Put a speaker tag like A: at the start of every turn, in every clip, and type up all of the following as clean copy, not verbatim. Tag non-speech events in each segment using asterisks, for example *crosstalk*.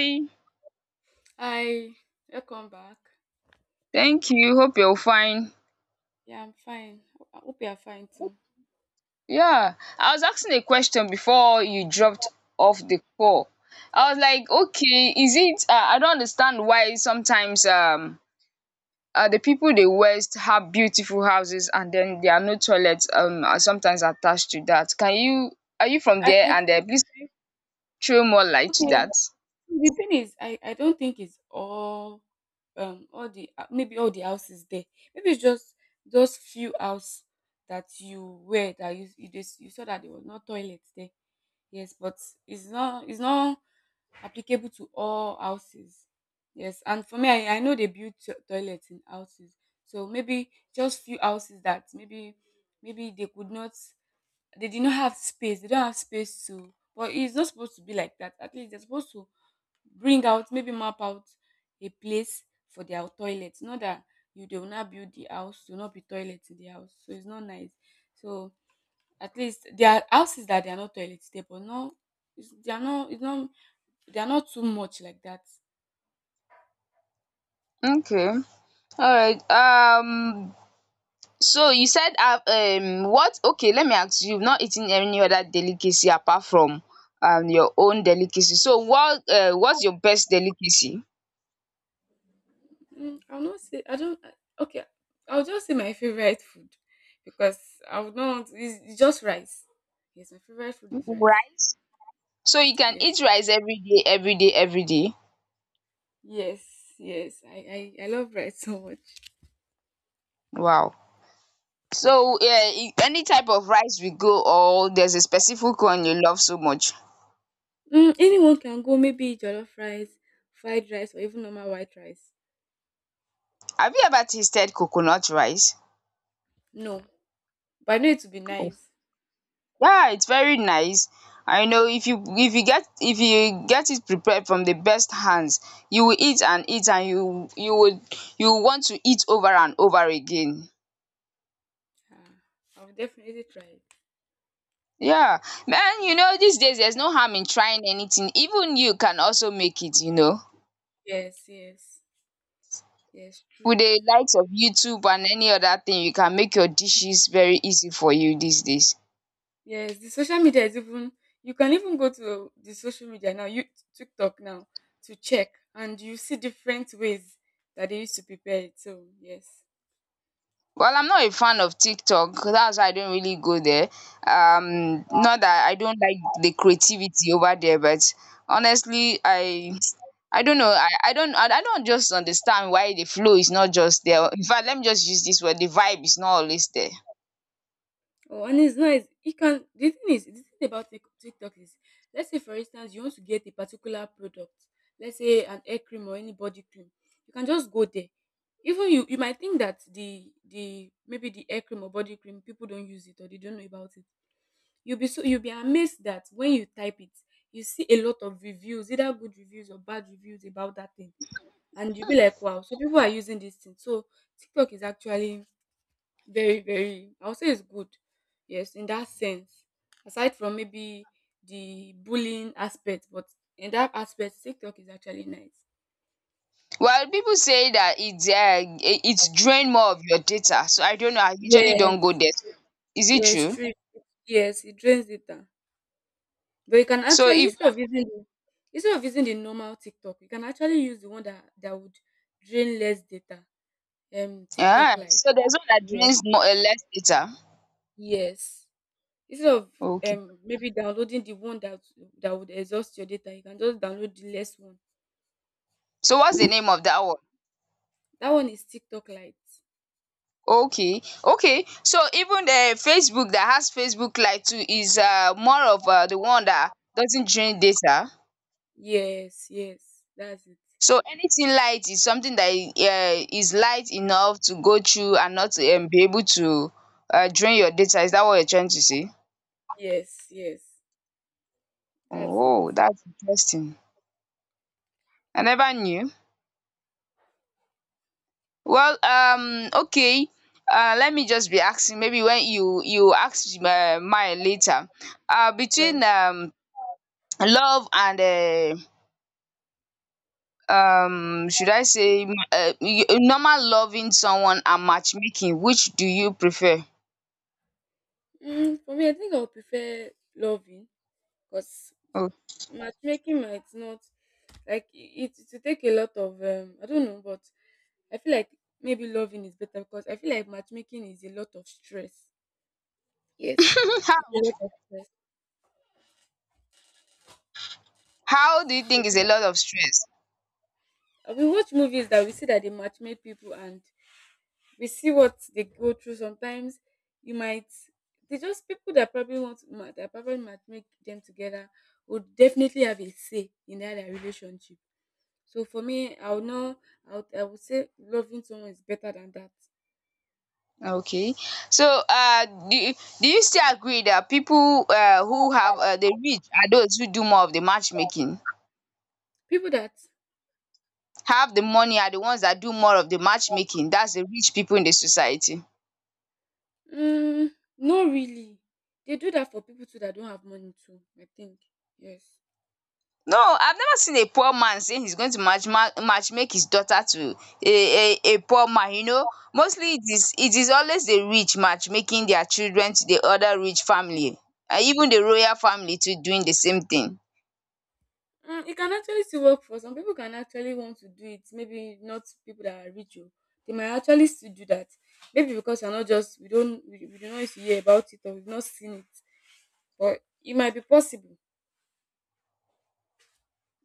A: Hi,
B: Hi, welcome back.
A: thank you. Hope you're fine.
B: Yeah, I'm fine. I hope you are fine too.
A: Yeah, I was asking a question before you dropped off the call. I was like, okay, is it? I don't understand why sometimes the people they West have beautiful houses and then there are no toilets are sometimes attached to that. Can you Are you from there?
B: I
A: And please throw more light to
B: okay.
A: that.
B: The thing is, I don't think it's all the maybe all the houses there. Maybe it's just those few house that you saw that there was no toilet there. Yes, but it's not applicable to all houses. Yes, and for me, I know they build toilets in houses, so maybe just few houses that maybe they did not have space they don't have space to but it's not supposed to be like that. At least they're supposed to bring out, maybe map out, a place for their toilets. Not that you they will not build the house to not be toilets in the house, so it's not nice. So at least there are houses that they are not toilet there, but no, it's, they are not it's not they are not too much like that.
A: Okay. All right. So you said what okay, let me ask you, you've not eaten any other delicacy apart from your own delicacy. So what's your best delicacy?
B: I'll not say I don't, okay, I'll just say my favorite food, because I would not want it's just rice. Yes, my favorite food is rice.
A: Rice. So you can
B: Yes.
A: eat rice every day, every day, every day.
B: Yes, yes, I love rice *laughs* so much.
A: Wow. So yeah, any type of rice we go, or there's a specific one you love so much.
B: Mm, anyone can go, maybe jollof rice, fried rice, or even normal white rice.
A: Have you ever tasted coconut rice?
B: No, but I know it would be nice.
A: Yeah, it's very nice. I know if you get if you get it prepared from the best hands, you will eat and eat and you would you will want to eat over and over again.
B: Ah, I'll definitely try it.
A: Yeah. Man, you know, these days there's no harm in trying anything. Even you can also make it, you know.
B: Yes, yes, yes, true.
A: With the likes of YouTube and any other thing, you can make your dishes very easy for you these days.
B: Yes, the social media is even, you can even go to the social media now, you TikTok now, to check, and you see different ways that they used to prepare it. So, yes.
A: Well, I'm not a fan of TikTok. That's why I don't really go there. Not that I don't like the creativity over there, but honestly, I don't know. I don't I don't just understand why the flow is not just there. In fact, let me just use this word. The vibe is not always there.
B: Oh, and it's nice. It can The thing about TikTok is, let's say for instance you want to get a particular product, let's say an hair cream or any body cream, you can just go there. Even you might think that the maybe the hair cream or body cream people don't use it or they don't know about it. You'll be amazed that when you type it, you see a lot of reviews, either good reviews or bad reviews about that thing. And you'll be like, wow, so people are using this thing. So TikTok is actually very, very, I would say it's good. Yes, in that sense, aside from maybe the bullying aspect, but in that aspect, TikTok is actually nice.
A: Well, people say that it's it's drain more of your data. So I don't know. I usually don't go
B: Yes,
A: there. So is it
B: yes,
A: true?
B: true. Yes, it drains data, but you can
A: So
B: actually
A: if,
B: instead of using the normal TikTok, you can actually use the one that would drain less data. TikTok
A: ah,
B: Live.
A: so there's one that
B: Yes,
A: drains more less data.
B: yes, instead of,
A: Okay.
B: maybe downloading the one that would exhaust your data, you can just download the less one.
A: So what's the name of that one?
B: That one is TikTok Lite.
A: Okay, okay. So even the Facebook that has Facebook Lite too is more of the one that doesn't drain data.
B: Yes, yes, that's it.
A: So anything light is something that is light enough to go through and not be able to drain your data. Is that what you're trying to say?
B: Yes, yes, that's it.
A: Oh, that's interesting. I never knew. Well, okay. Let me just be asking. Maybe when you ask mine later.
B: Alright.
A: Between love and should I say normal, loving someone and matchmaking, which do you prefer?
B: For me, I think I would prefer loving, because
A: Oh.
B: matchmaking might not, like it will take a lot of, I don't know, but I feel like maybe loving is better because I feel like matchmaking is a lot of stress. Yes,
A: *laughs*
B: it's
A: how
B: a lot of stress.
A: how do you
B: So,
A: think is a lot of stress?
B: we watch movies that we see that they matchmake people, and we see what they go through sometimes. You might, they just people that probably want that probably might make them together would definitely have a say in that their relationship. So for me, I would know I would, I would say loving someone is better than that.
A: Okay, so do you still agree that people who have the rich are those who do more of the matchmaking,
B: People that,
A: have the money are the ones that do more of the matchmaking, that's the rich people in the society?
B: mm, no, really, they do that for people too that don't have money too, I think. Yes.
A: No, I've never seen a poor man saying he's going to match make his daughter to a poor man, you know. Mostly it is always the rich matchmaking their children to the other rich family, and even the royal family too doing the same thing.
B: Mm, it can actually still work for some. People can actually want to do it. Maybe not people that are rich, oh. They might actually still do that. Maybe because you're not just we don't we do not used to hear about it, or we've not seen it, but it might be possible.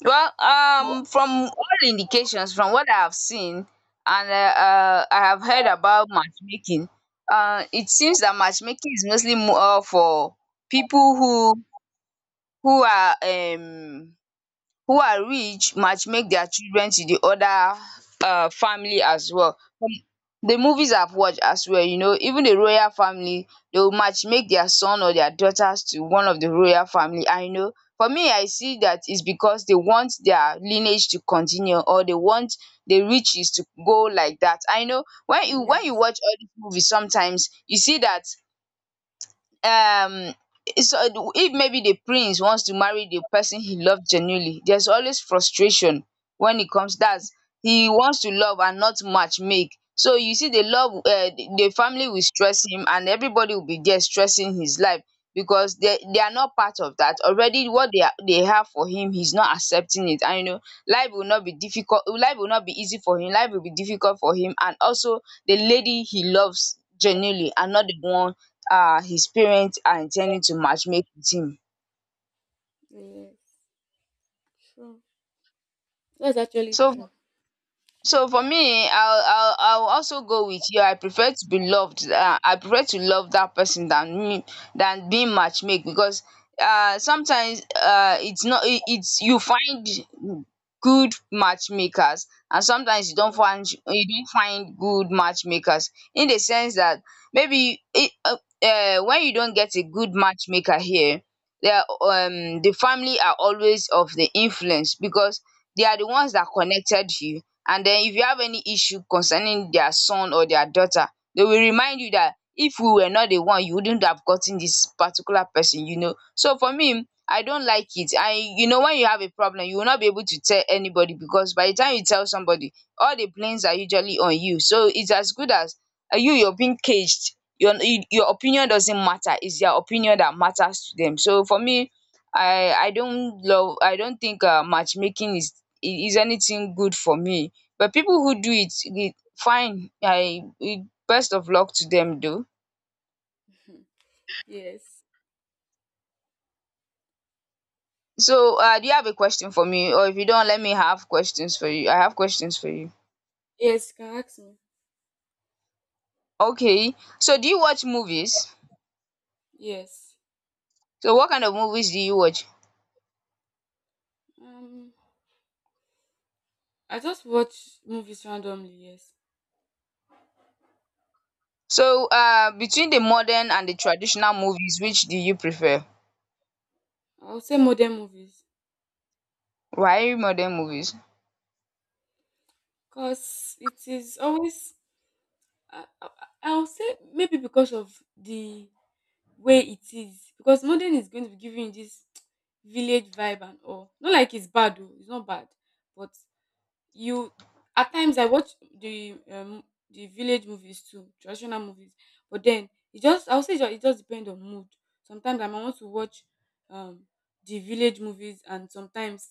A: Well, from all indications, from what I have seen and I have heard about matchmaking, it seems that matchmaking is mostly more for people who are who are rich, matchmake their children to the other family as well. Um, The movies I've watched as well, you know, even the royal family, they will matchmake their son or their daughters to one of the royal family. And, you know, for me, I see that is because they want their lineage to continue, or they want the riches to go like that. And you know, when you
B: Yes.
A: watch all these movies, sometimes you see that um so if maybe the prince wants to marry the person he loves genuinely, there's always frustration when it comes, that's he wants to love and not match make. So you see, the love, the family will stress him, and everybody will be there stressing his life because they are not part of that already, what they have for him, he's not accepting it. And you know, life will not be difficult, life will not be easy for him, life will be difficult for him, and also the lady he loves genuinely, and not the one his parents are intending to matchmake with him.
B: Yes, true. That's actually
A: So
B: true.
A: so for me, I'll also go with you. I prefer to be loved. I prefer to love that person than me than being matchmake, because sometimes it's not it, it's you find good matchmakers, and sometimes you don't find, you don't find good matchmakers, in the sense that maybe it, uh, when you don't get a good matchmaker here, the family are always of the influence, because they are the ones that connected you. And then if you have any issue concerning their son or their daughter, they will remind you that if we were not the one, you wouldn't have gotten this particular person, you know. So for me, I don't like it. I, you know, when you have a problem, you will not be able to tell anybody, because by the time you tell somebody, all the blames are usually on you. So it's as good as you're being caged. Your opinion doesn't matter. It's their opinion that matters to them. So for me, I don't think matchmaking is anything good for me, but people who do it, it fine, best of luck to them though.
B: Yes,
A: So do you have a question for me, or if you don't, let me have questions for you. I have questions for you.
B: yes. You can ask me.
A: Okay, so do you watch movies?
B: Yes.
A: So what kind of movies do you watch?
B: Um, I just watch movies randomly. Yes,
A: So between the modern and the traditional movies, which do you prefer?
B: I'll say modern movies
A: Why modern movies?
B: because it is always. I, I, I'll say maybe because of the where it is, because modern is going to be giving you this *tsk* village vibe and all. Not like it's bad though, it's not bad, but you at times I watch the village movies too, traditional movies, but then it just, I'll say it just depends on mood. Sometimes I might want to watch um the village movies, and sometimes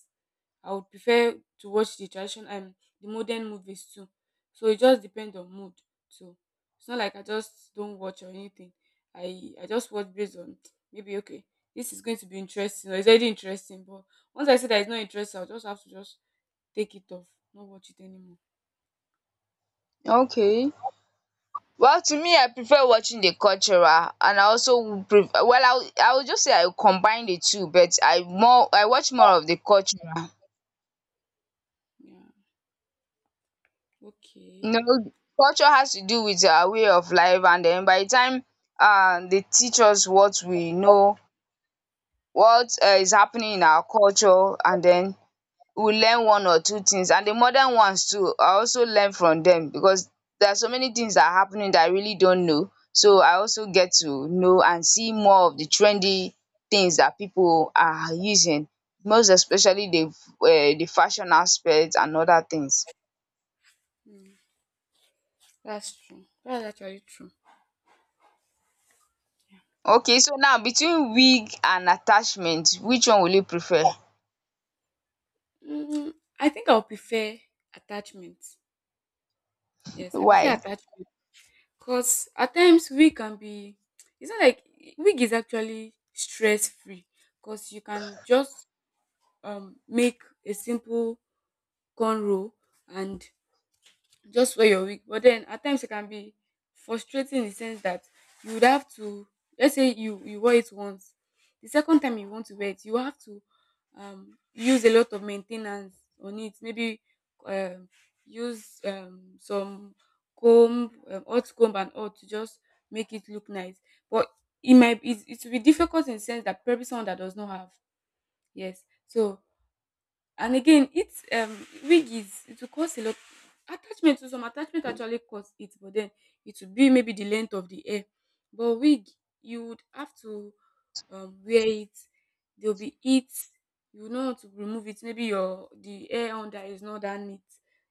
B: I would prefer to watch the traditional and the modern movies too. So it just depends on mood too. It's not like I just don't watch or anything. I just watch based on *tsk* maybe okay, this is going to be interesting, or it's already interesting. But once I see that it's not interesting, I'll just have to just take it off, not watch it anymore.
A: Okay, well, to me, I prefer watching the cultural, and I also would, well I would, I would just say I combine the two, but I watch more of the cultural.
B: Yeah. Okay.
A: No, culture has to do with our way of life, and then by the time they teach us what we know, what is happening in our culture, and then we learn one or two things. And the modern ones too, I also learn from them, because there are so many things that are happening that I really don't know. So I also get to know and see more of the trendy things that people are using, most especially the fashion aspect and other things.
B: Mm, that's true. That's actually true.
A: Okay, so now between wig and attachment, which one will you prefer?
B: Mm, I think I'll prefer attachment. Yes, I prefer
A: Why?
B: attachment. Because at times we can be, it's not like wig is actually stress free, because you can just make a simple cornrow and just for your week. But then at times it can be frustrating in the sense that you would have to, let's say you wear it once, the second time you want to wear it, you have to use a lot of maintenance on it. Maybe um use some comb, hot comb and all, to just make it look nice. But it will be difficult in the sense that probably someone that does not have, yes. So, and again, it's, wig is, it will cost a lot. Attachment, to some, attachment actually cost it, but then it would be maybe the length of the hair. But wig, you would have to wear it. There'll be it. You know how to remove it. Maybe your the hair under is not that neat,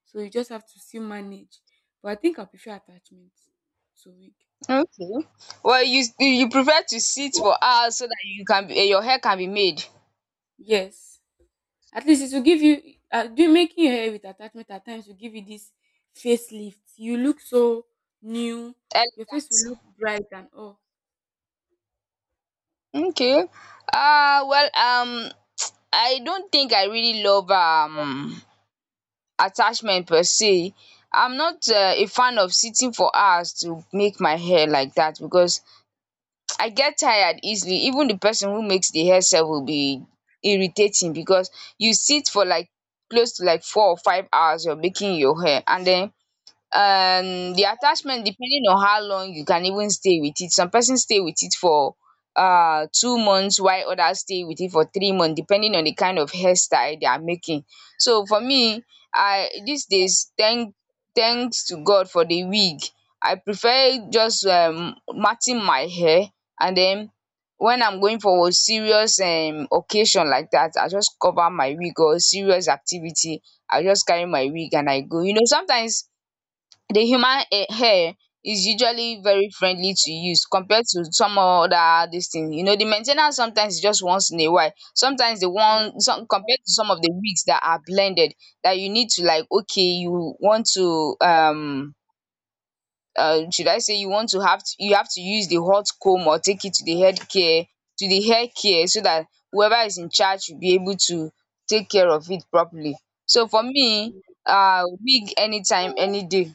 B: so you just have to still manage. But I think I prefer attachment to wig.
A: Okay. Well, you prefer to sit for hours so that you can be, eh, your hair can be made
B: Yes. At least it will give you, do, making your hair with attachment at times will give you this facelift. You look so new. Your face
A: elegant.
B: will look bright and oh,
A: Okay. Well, I don't think I really love attachment per se. I'm not a fan of sitting for hours to make my hair like that, because I get tired easily. Even the person who makes the hair sef will be irritating, because you sit for like close to like 4 or 5 hours you're making your hair, and then the attachment, depending on how long you can even stay with it, some person stay with it for 2 months, while others stay with it for 3 months, depending on the kind of hairstyle they are making. So for me, I, these days, thanks to God for the wig, I prefer just matting my hair, and then when I'm going for a serious occasion like that, I just cover my wig, or serious activity I just carry my wig and I go. You know, sometimes the human, eh, hair is usually very friendly to use compared to some other dis thing. You know, the main sometimes is just once in a while. Sometimes the one some, compared to some of the wigs that are blended, that you need to, like, okay, you want to should I say, you want to have to, you have to use the hot comb, or take it to the head care to the hair care, so that whoever is in charge will be able to take care of it properly. So for me, wig anytime any day.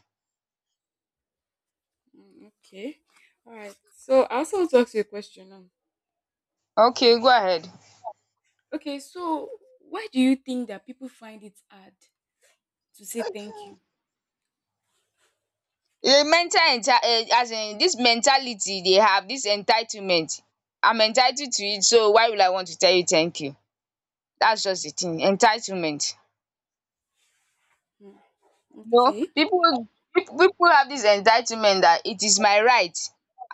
B: okay, all right. So I also want to ask you a question now.
A: Okay, go ahead.
B: Okay, so why do you think that people find it hard to say thank you?
A: The mental, as in dis mentality they have, dis entitlement. I'm entitled to it, so why would I want to tell you thank you? That's just the thing, entitlement. No,
B: Okay,
A: people people have this entitlement that it is my right,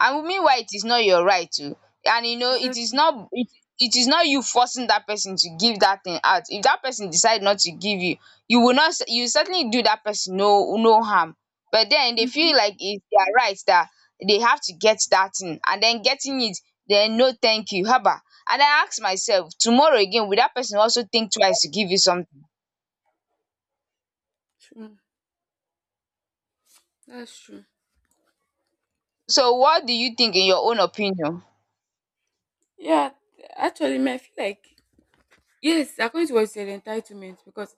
A: and meanwhile it is not your right too? And you know,
B: is
A: it
B: that,
A: is not it it is not you forcing that person to give that thing out. If that person decide not to give you, you will not, you certainly do that person no harm. But then they
B: mhm,
A: feel like it's their right that they have to get that thing, and then getting it, then no thank you haba. And I ask myself, tomorrow again, will that person also think twice to give you something?
B: true? That's true.
A: So what do you think in your own opinion?
B: Yeah, actually, me, I feel like, yes, according to what you said, entitlement, because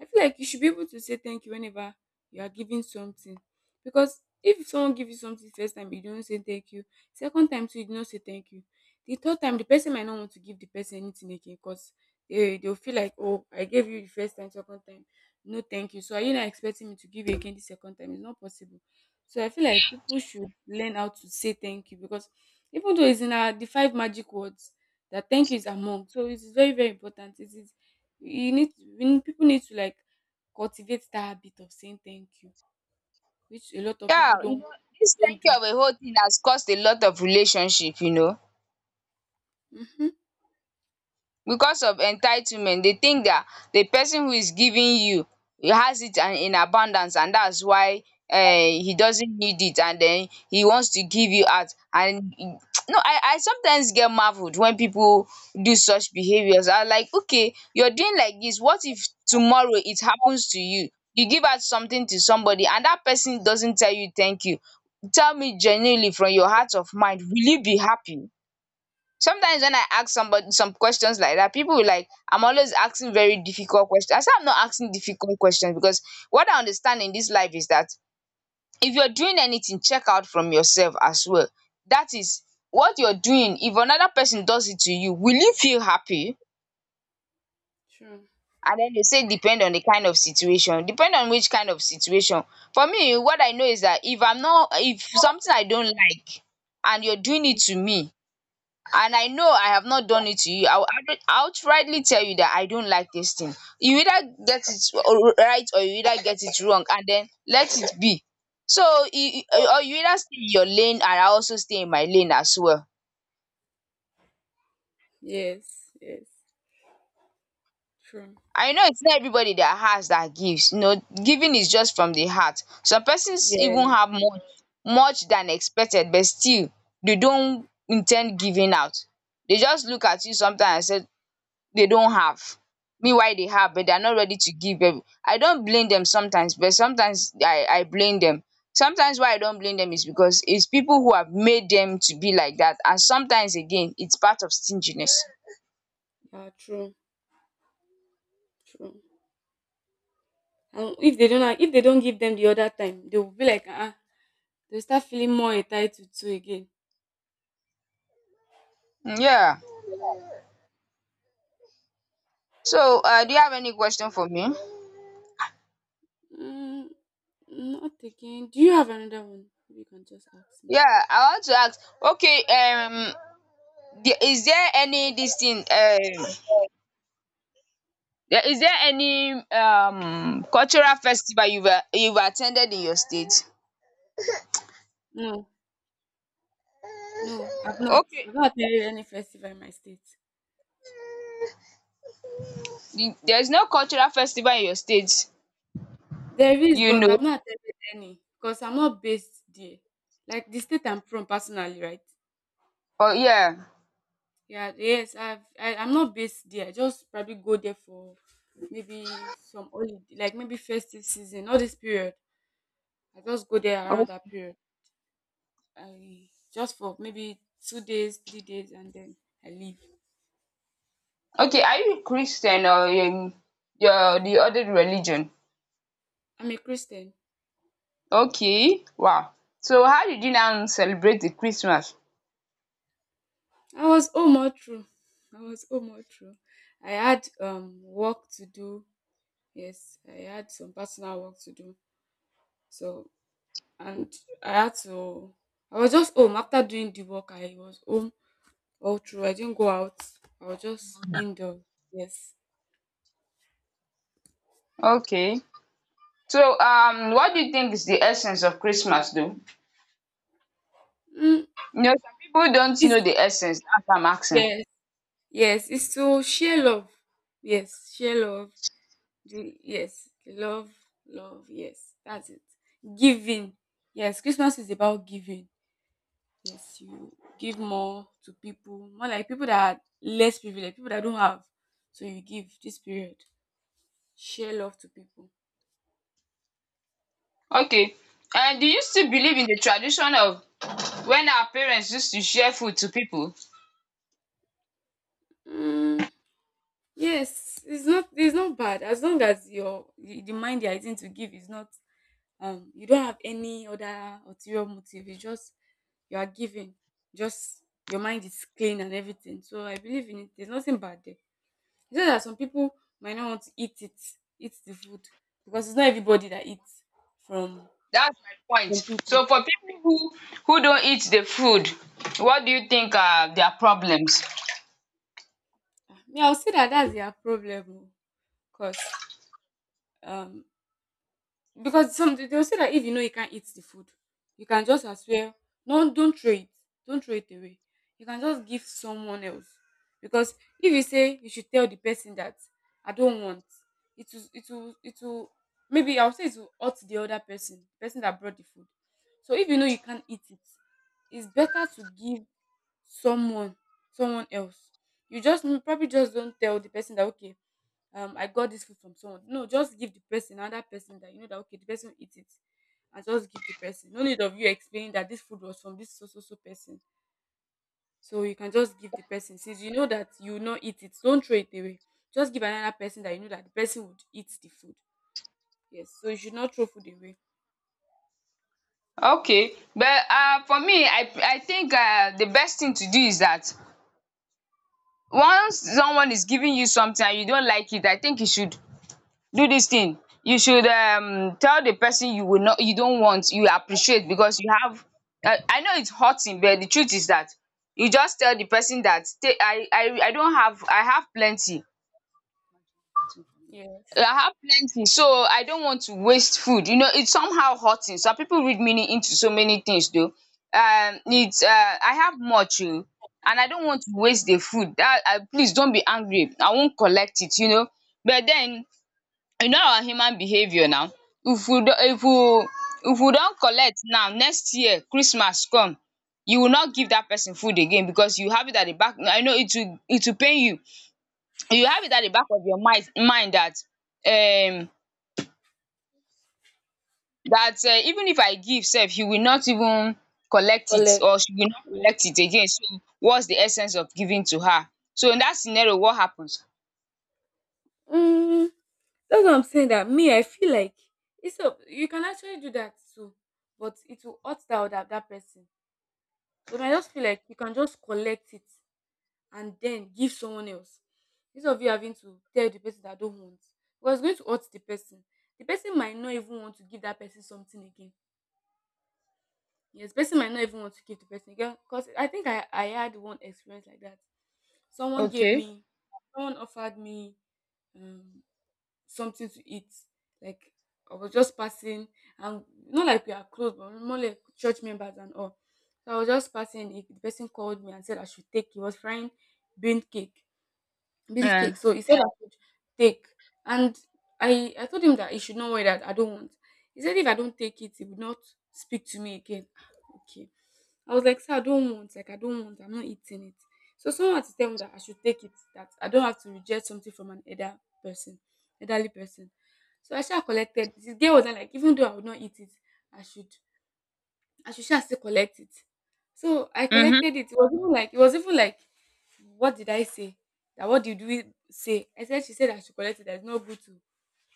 B: I feel like you should be able to say thank you whenever you are giving something. Because if someone gives you something first time, you don't say thank you. Second time, too, you do not say thank you. The third time, the person might not want to give the person anything again because they, they'll feel like, oh, I gave you the first time, second time. No, thank you. So are you not expecting me to give you again the second time? It's not possible. So I feel like people should learn how to say thank you, because even though it's in our the 5 magic words that thank you is among. So it is very, very important. It is, you need, we need, people need to like cultivate that habit of saying thank you, which a lot of
A: Yeah,
B: people don't
A: this
B: don't
A: thank you
B: do.
A: of a whole thing, Has caused a lot of relationship. You know. Because of entitlement, they think that the person who is giving you has it and in abundance, and that's why, eh, he doesn't need it, and then he wants to give you out. And *tsk* no, I sometimes get marveled when people do such behaviors. I'm like, okay, you're doing like this. What if tomorrow it happens to you, you give out something to somebody and that person doesn't tell you thank you? Tell me genuinely from your heart of mind, will you be happy? Sometimes when I ask somebody some questions like that, people will like I'm always asking very difficult questions. I say I'm not asking difficult questions, because what I understand in this life is that if you're doing anything, check out from yourself as well. That is, what you're doing, if another person does it to you, will you feel happy?
B: True.
A: And then they say depend on the kind of situation, depend on which kind of situation. For me, what I know is that if I'm not, if something I don't like and you're doing it to me, and I know I have not done it to you, I will outrightly tell you that I don't like this thing. You either get it right, or you either get it wrong, and then let it be. So or you either stay in your lane, and I also stay in my lane as well.
B: Yes. Yes. True.
A: I know it's not everybody that has that gives. You know, giving is just from the heart. Some persons even
B: Yeah.
A: have much, much than expected, but still they don't intend giving out. They just look at you sometimes and say they don't have, meanwhile they have, but they are not ready to give them. I don't blame them sometimes, but sometimes I blame them. Sometimes why I don't blame them is because it's people who have made them to be like that, and sometimes again, it's part of stinginess.
B: Ah, true, true. And if they don't give them the other time, they will be like, ah, uh, they'll start feeling more entitled to again.
A: Mm, yeah, so do you have any question for me?
B: Mm, not again. Do you have another one? You can just ask me.
A: Yeah, I want to ask. Okay, is there any this thing? Is there any cultural festival you've attended in your state?
B: No, no, I've not.
A: Okay.
B: I've not attended any festival in my state.
A: There's no cultural festival in your state,
B: There is,
A: you
B: but I've
A: know?
B: not attended any because I'm not based there. Like the state I'm from personally, right?
A: Oh yeah.
B: Yeah, yes, I'm not based there. I just probably go there for maybe some holiday, like maybe festive season, all this period. I just go there
A: Oh,
B: around that period. I just for maybe 2 days, 3 days, and then I leave.
A: okay. Are you Christian, or your the other religion?
B: I'm a Christian.
A: Okay. Wow. So how did you now celebrate the Christmas?
B: I was home all through. I was home all through. I had work to do. Yes, I had some personal work to do. So, and I had to, I was just home after doing the work. I was home all through. I didn't go out. I was just indoors. Yes.
A: Okay. So what do you think is the essence of Christmas though?
B: Mm,
A: You know, some people don't know
B: it's
A: the essence. That's why I'm asking.
B: yes, yes, it's to share love. Yes, share love. The, yes, love, love, yes. That's it. Giving. Yes, Christmas is about giving. Yes, you give more to people, more like people that are less privileged, people that don't have. So you give this period. Share love to people.
A: Okay. And do you still believe in the tradition of when our parents used to share food to people?
B: Mm. Yes, it's not bad as long as your the mind you're using to give is not, you don't have any other ulterior motive. It's just you are giving, just your mind is clean and everything. So I believe in it. There's nothing bad there. It's just that some people might not want to eat it, eat the food because it's not everybody that eats from
A: That's my point.
B: people.
A: So for people who don't eat the food, what do you think are their problems?
B: Ah, me, I'll say that that's their problem, because some they will say that if you know you can't eat the food, you can just as well no don't throw it. Don't throw it away. You can just give someone else. Because if you say you should tell the person that I don't want, it will it will maybe I'll say it will hurt the other person, the person that brought the food. So if you know you can't eat it, it's better to give someone else. You just probably just don't tell the person that okay, I got this food from someone. No, just give the person another person that you know that okay, the person will eat it. And just give the person. No need of you explaining that this food was from this so so so person. So you can just give the person. Since you know that you will not eat it, don't throw it away. Just give another person that you know that the person would eat the food. Yes. So you should not throw food away.
A: Okay, but for me, I think the best thing to do is that once someone is giving you something and you don't like it, I think you should do this thing. You should tell the person you will not, you don't want, you appreciate because you have. I know it's hurting, but the truth is that you just tell the person that, I don't have, I have plenty
B: Yeah.
A: I have plenty, so I don't want to waste food." You know, it's somehow hurting. Some people read meaning into so many things though. It's I have much, oh, and I don't want to waste the food. That I, please don't be angry, I won't collect it. You know, but then, you know our human behavior now. If we do if we don't collect now, next year Christmas come, you will not give that person food again because you have it at the back. I know it will, it will pain you. You have it at the back of your mind that, um that, even if I give sef, he will not even collect it,
B: Collect.
A: or she will not
B: Yeah.
A: collect it again. So what's the essence of giving to her? So in that scenario, what happens?
B: Mm, that's what I'm saying. That me, I feel like it's a, you can actually do that too, but it will hurt that other that person. So I just feel like you can just collect it and then give someone else instead of you having to tell the person that I don't want because it's going to hurt the person. The person might not even want to give that person something again. Yes, the person might not even want to give the person again because I think I had one experience like that. Someone gave
A: Okay,
B: me, someone offered me um, something to eat. Like I was just passing, and not like we are close, but more like church members and all. So I was just passing. The person called me and said I should take. He was frying bean cake beans cake.
A: um
B: So he said I should take, and I told him that he should not worry that I don't want. He said if I don't take it, he would not speak to me again. Ah, okay, I was like, sir, I don't want. Like I don't want. I'm not eating it. So someone had to tell me that I should take it. That I don't have to reject something from an person, elderly person. So I should have collected. This girl was like, even though I would not eat it, I should. I should sha still collect it. So I
A: um
B: collected it. It was even like it was even like what did I say? That what did we say? I said she said I should collect it. That it's not good to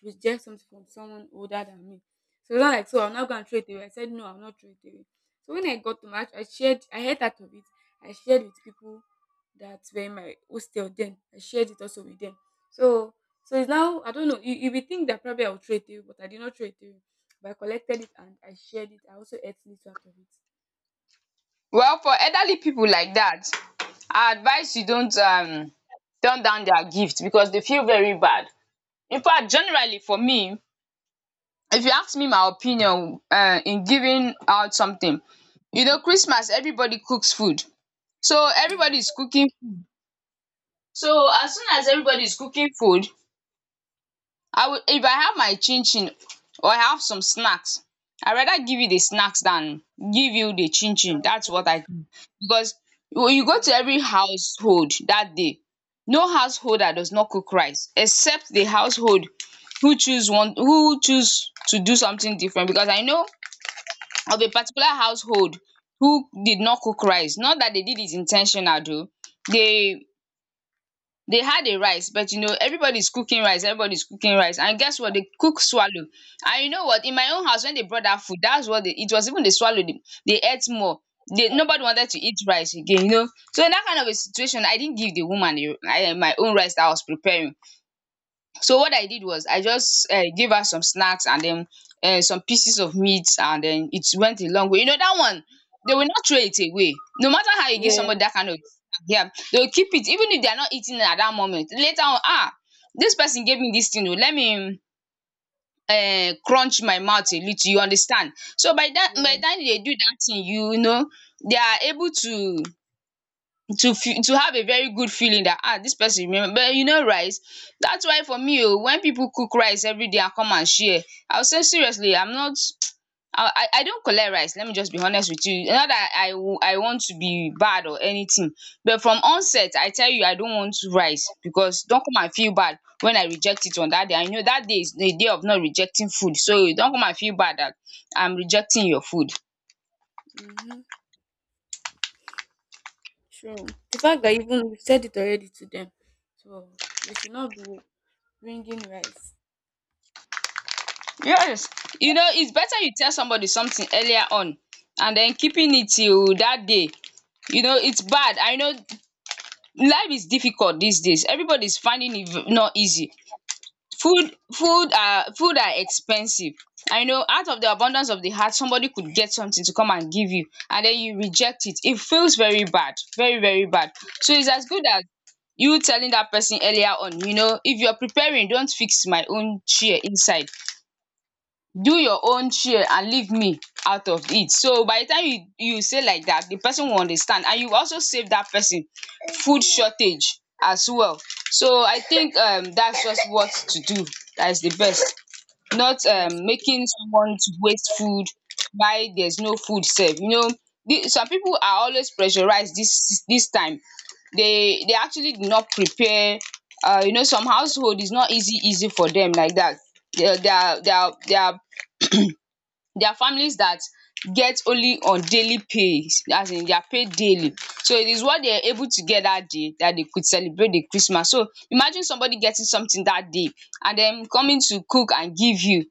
B: reject something from someone older than me. So it was not like, so I'll not go and throw it away. I said, no, I'll not throw it away. So when I got to my, I heard out of it. I shared with people that were in my hostel then. I shared it also with them. So, so it's now, I don't know, you would think that probably I'll throw it away, but I did not throw it away. But I collected it and I shared it. I also ate little out of it.
A: well, for elderly people like that, I advise you don't turn down their gift because they feel very bad. In fact, generally, for me, if you ask me my opinion, in giving out something, you know, Christmas, everybody cooks food, so
B: Yes,
A: everybody is cooking. So as soon as everybody is cooking food, I would, if I have my chin chin or I have some snacks, I rather give you the snacks than give you the chin chin. That's what I do, because when you go to
B: yes,
A: every household that day, no household that does not cook rice, except the household who choose one, who choose to do something different, because I know of a particular household who did not cook rice. Not that they did it intentional though. They they had a rice, but you know, everybody's cooking rice, everybody's cooking rice, and guess what, they cook swallow. And you know what, in my own house, when they brought that food, that's what they it was even, they swallowed it. They ate more. They, nobody wanted to eat rice again, you know? So in that kind of a situation, I didn't give the woman my own rice that I was preparing. So what I did was I just give her some snacks, and then some pieces of meat, and then it went a long way. You know, dat one, they will not throw it away. No matter how you give
B: yeah,
A: somebody dat kind of snack, yeah, they will keep it, even if they are not eating it at dat moment. Later on, dis person gave me dis thing oo, let me crunch my mouth a little, you understand. So by dat,
B: yeah.
A: by de time you dey do dat thing, you know, they are able to feel to have a very good feeling that, ah, this person remember. But you know, rice, that's why for me o, when people cook rice everyday and come and share, I will say seriously, I'm not, *tsk* I don't collect rice. Let me just be honest with you, not that I want to be bad or anything, but from onset I tell you I don't want rice, because don't come and feel bad when I reject it on that day. I know that day is the day of not rejecting food, so don't come and feel bad that I'm rejecting your food.
B: Mm-hmm. Sure. The fact that even you said it already to them, so they should not be bringing rice.
A: Yes, you know it's better you tell somebody something earlier on, and then keeping it till that day, you know, it's bad. I know life is difficult these days. Everybody's finding it not easy. Food are expensive. I know out of the abundance of the heart, somebody could get something to come and give you, and then you reject it, it feels very bad, very very bad. So it's as good as you telling that person earlier on. You know, if you're preparing, don't fix my own chair inside, do your own share and leave me out of it. So by the time you say like that, the person will understand, and you also save that person food shortage as well. So I think, that's just what to do, that is the best, not
B: Yes.
A: making someone to waste food, why, there's no food sef, you know. The some people are always pressurized, this time they actually do not prepare. You know, some household is not easy easy for them like that. They, they are, there are families that get only on daily pay, as in they are paid daily. So it is what they are able to get that day that they could celebrate the Christmas. So imagine somebody getting something that day, and then coming to cook and give you.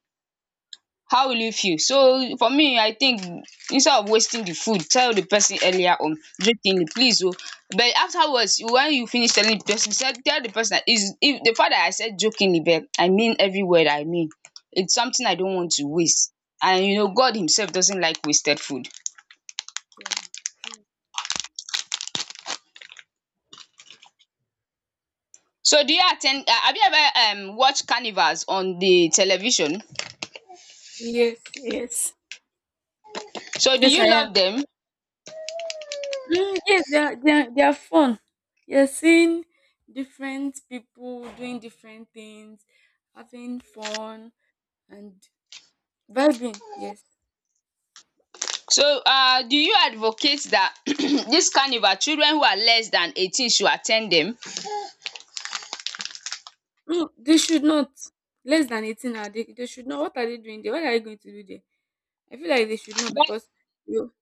A: How will you feel? So for me, I think, instead of wasting the food, tell the person earlier on, "Dis thing please oh." But afterwards, when you finish telling the person, said tell the person that is, if the fact that I said jokingly, but I mean every word I mean. It's something I don't want to waste, and you know, God himself doesn't like wasted food.
B: Yeah. True.
A: So do you attend? Ten, have you ever watched carnivals on the television?
B: Yes, yes,
A: So do
B: yes, I
A: you
B: am.
A: love them?
B: Yes, they are fun. You're seeing different people doing different things, having fun and vibing. Yes.
A: So do you advocate that *clears throat* dis carnival children who are less than 18 should attend them?
B: No, they should not less than 18. Are they? They should not. What are they doing there? What are they going to do there? I feel like they should not
A: But
B: because you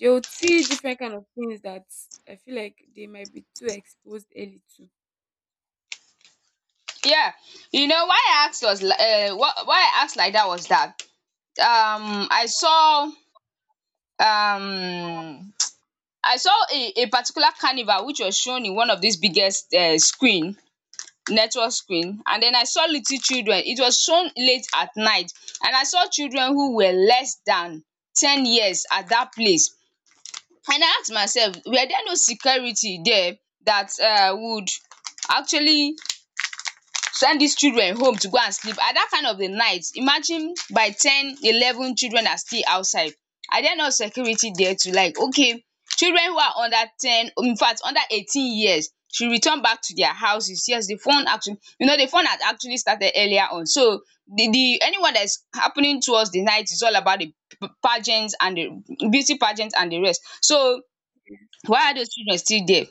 B: they will see different kind of things that I feel like they might be too exposed early to.
A: yeah, you know why I asked was why I asked like that was that um I saw um I saw a particular carnival which was shown in one of these biggest screen network screen, and then I saw little children. It was shown late at night, and I saw children who were less than 10 years at that place. And I asked myself, were there no security there that would actually send dis children home to go and sleep at dat kind of a night? Imagine by 10, 11, children are still outside. Are there no security there to, like, okay, children who are under 10, infact under 18 years, should return back to their houses? Yes, the fun actually, you know, the fun had actually started earlier on. So the anyone that is happening towards the night is all about the pageant and the beauty pageant and the rest. So
B: Yes.
A: why are those children still there?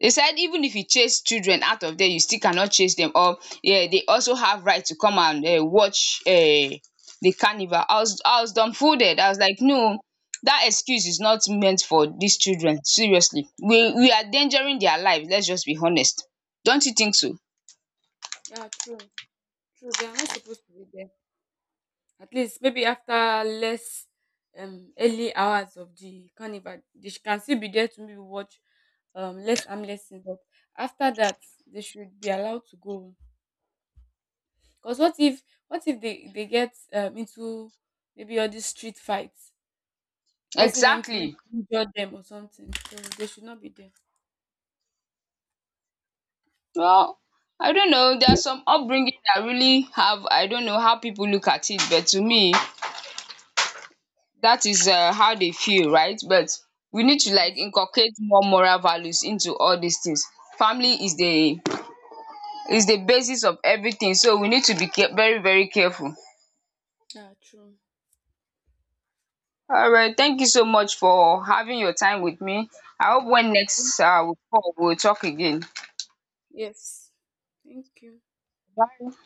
A: They said, even if you chase children out of there, you still cannot chase them, or yeah, they also have right to come and watch the carnival. I was dumbfounded. I was like, no, that excuse is not meant for these children, seriously. We are endangering their lives. Let's just be honest. Don't you think so?
B: Yeah, true, true. They are not supposed to be there. At least maybe after less early hours of the carnival, they can still be there to maybe watch less harmless things. But after that, they should be allowed to go. Cause what if they get into maybe all these street fights, causing them to maybe
A: Exactly.
B: injure them or something? So they should not be there.
A: Well, I don't know, there are some upbringing that really have, I don't know how people look at it, but to me, that is how they feel right. But we need to like
B: Yes.
A: inculcate more moral values into all these things. Family is the, is the basis of everything, so we need to be very very careful.
B: Yeah, true.
A: All right, thank you so much for having your time with me. I hope when
B: Yeah, thank-
A: next we call, we'll talk again.
B: yes. Thank you.
A: Bye.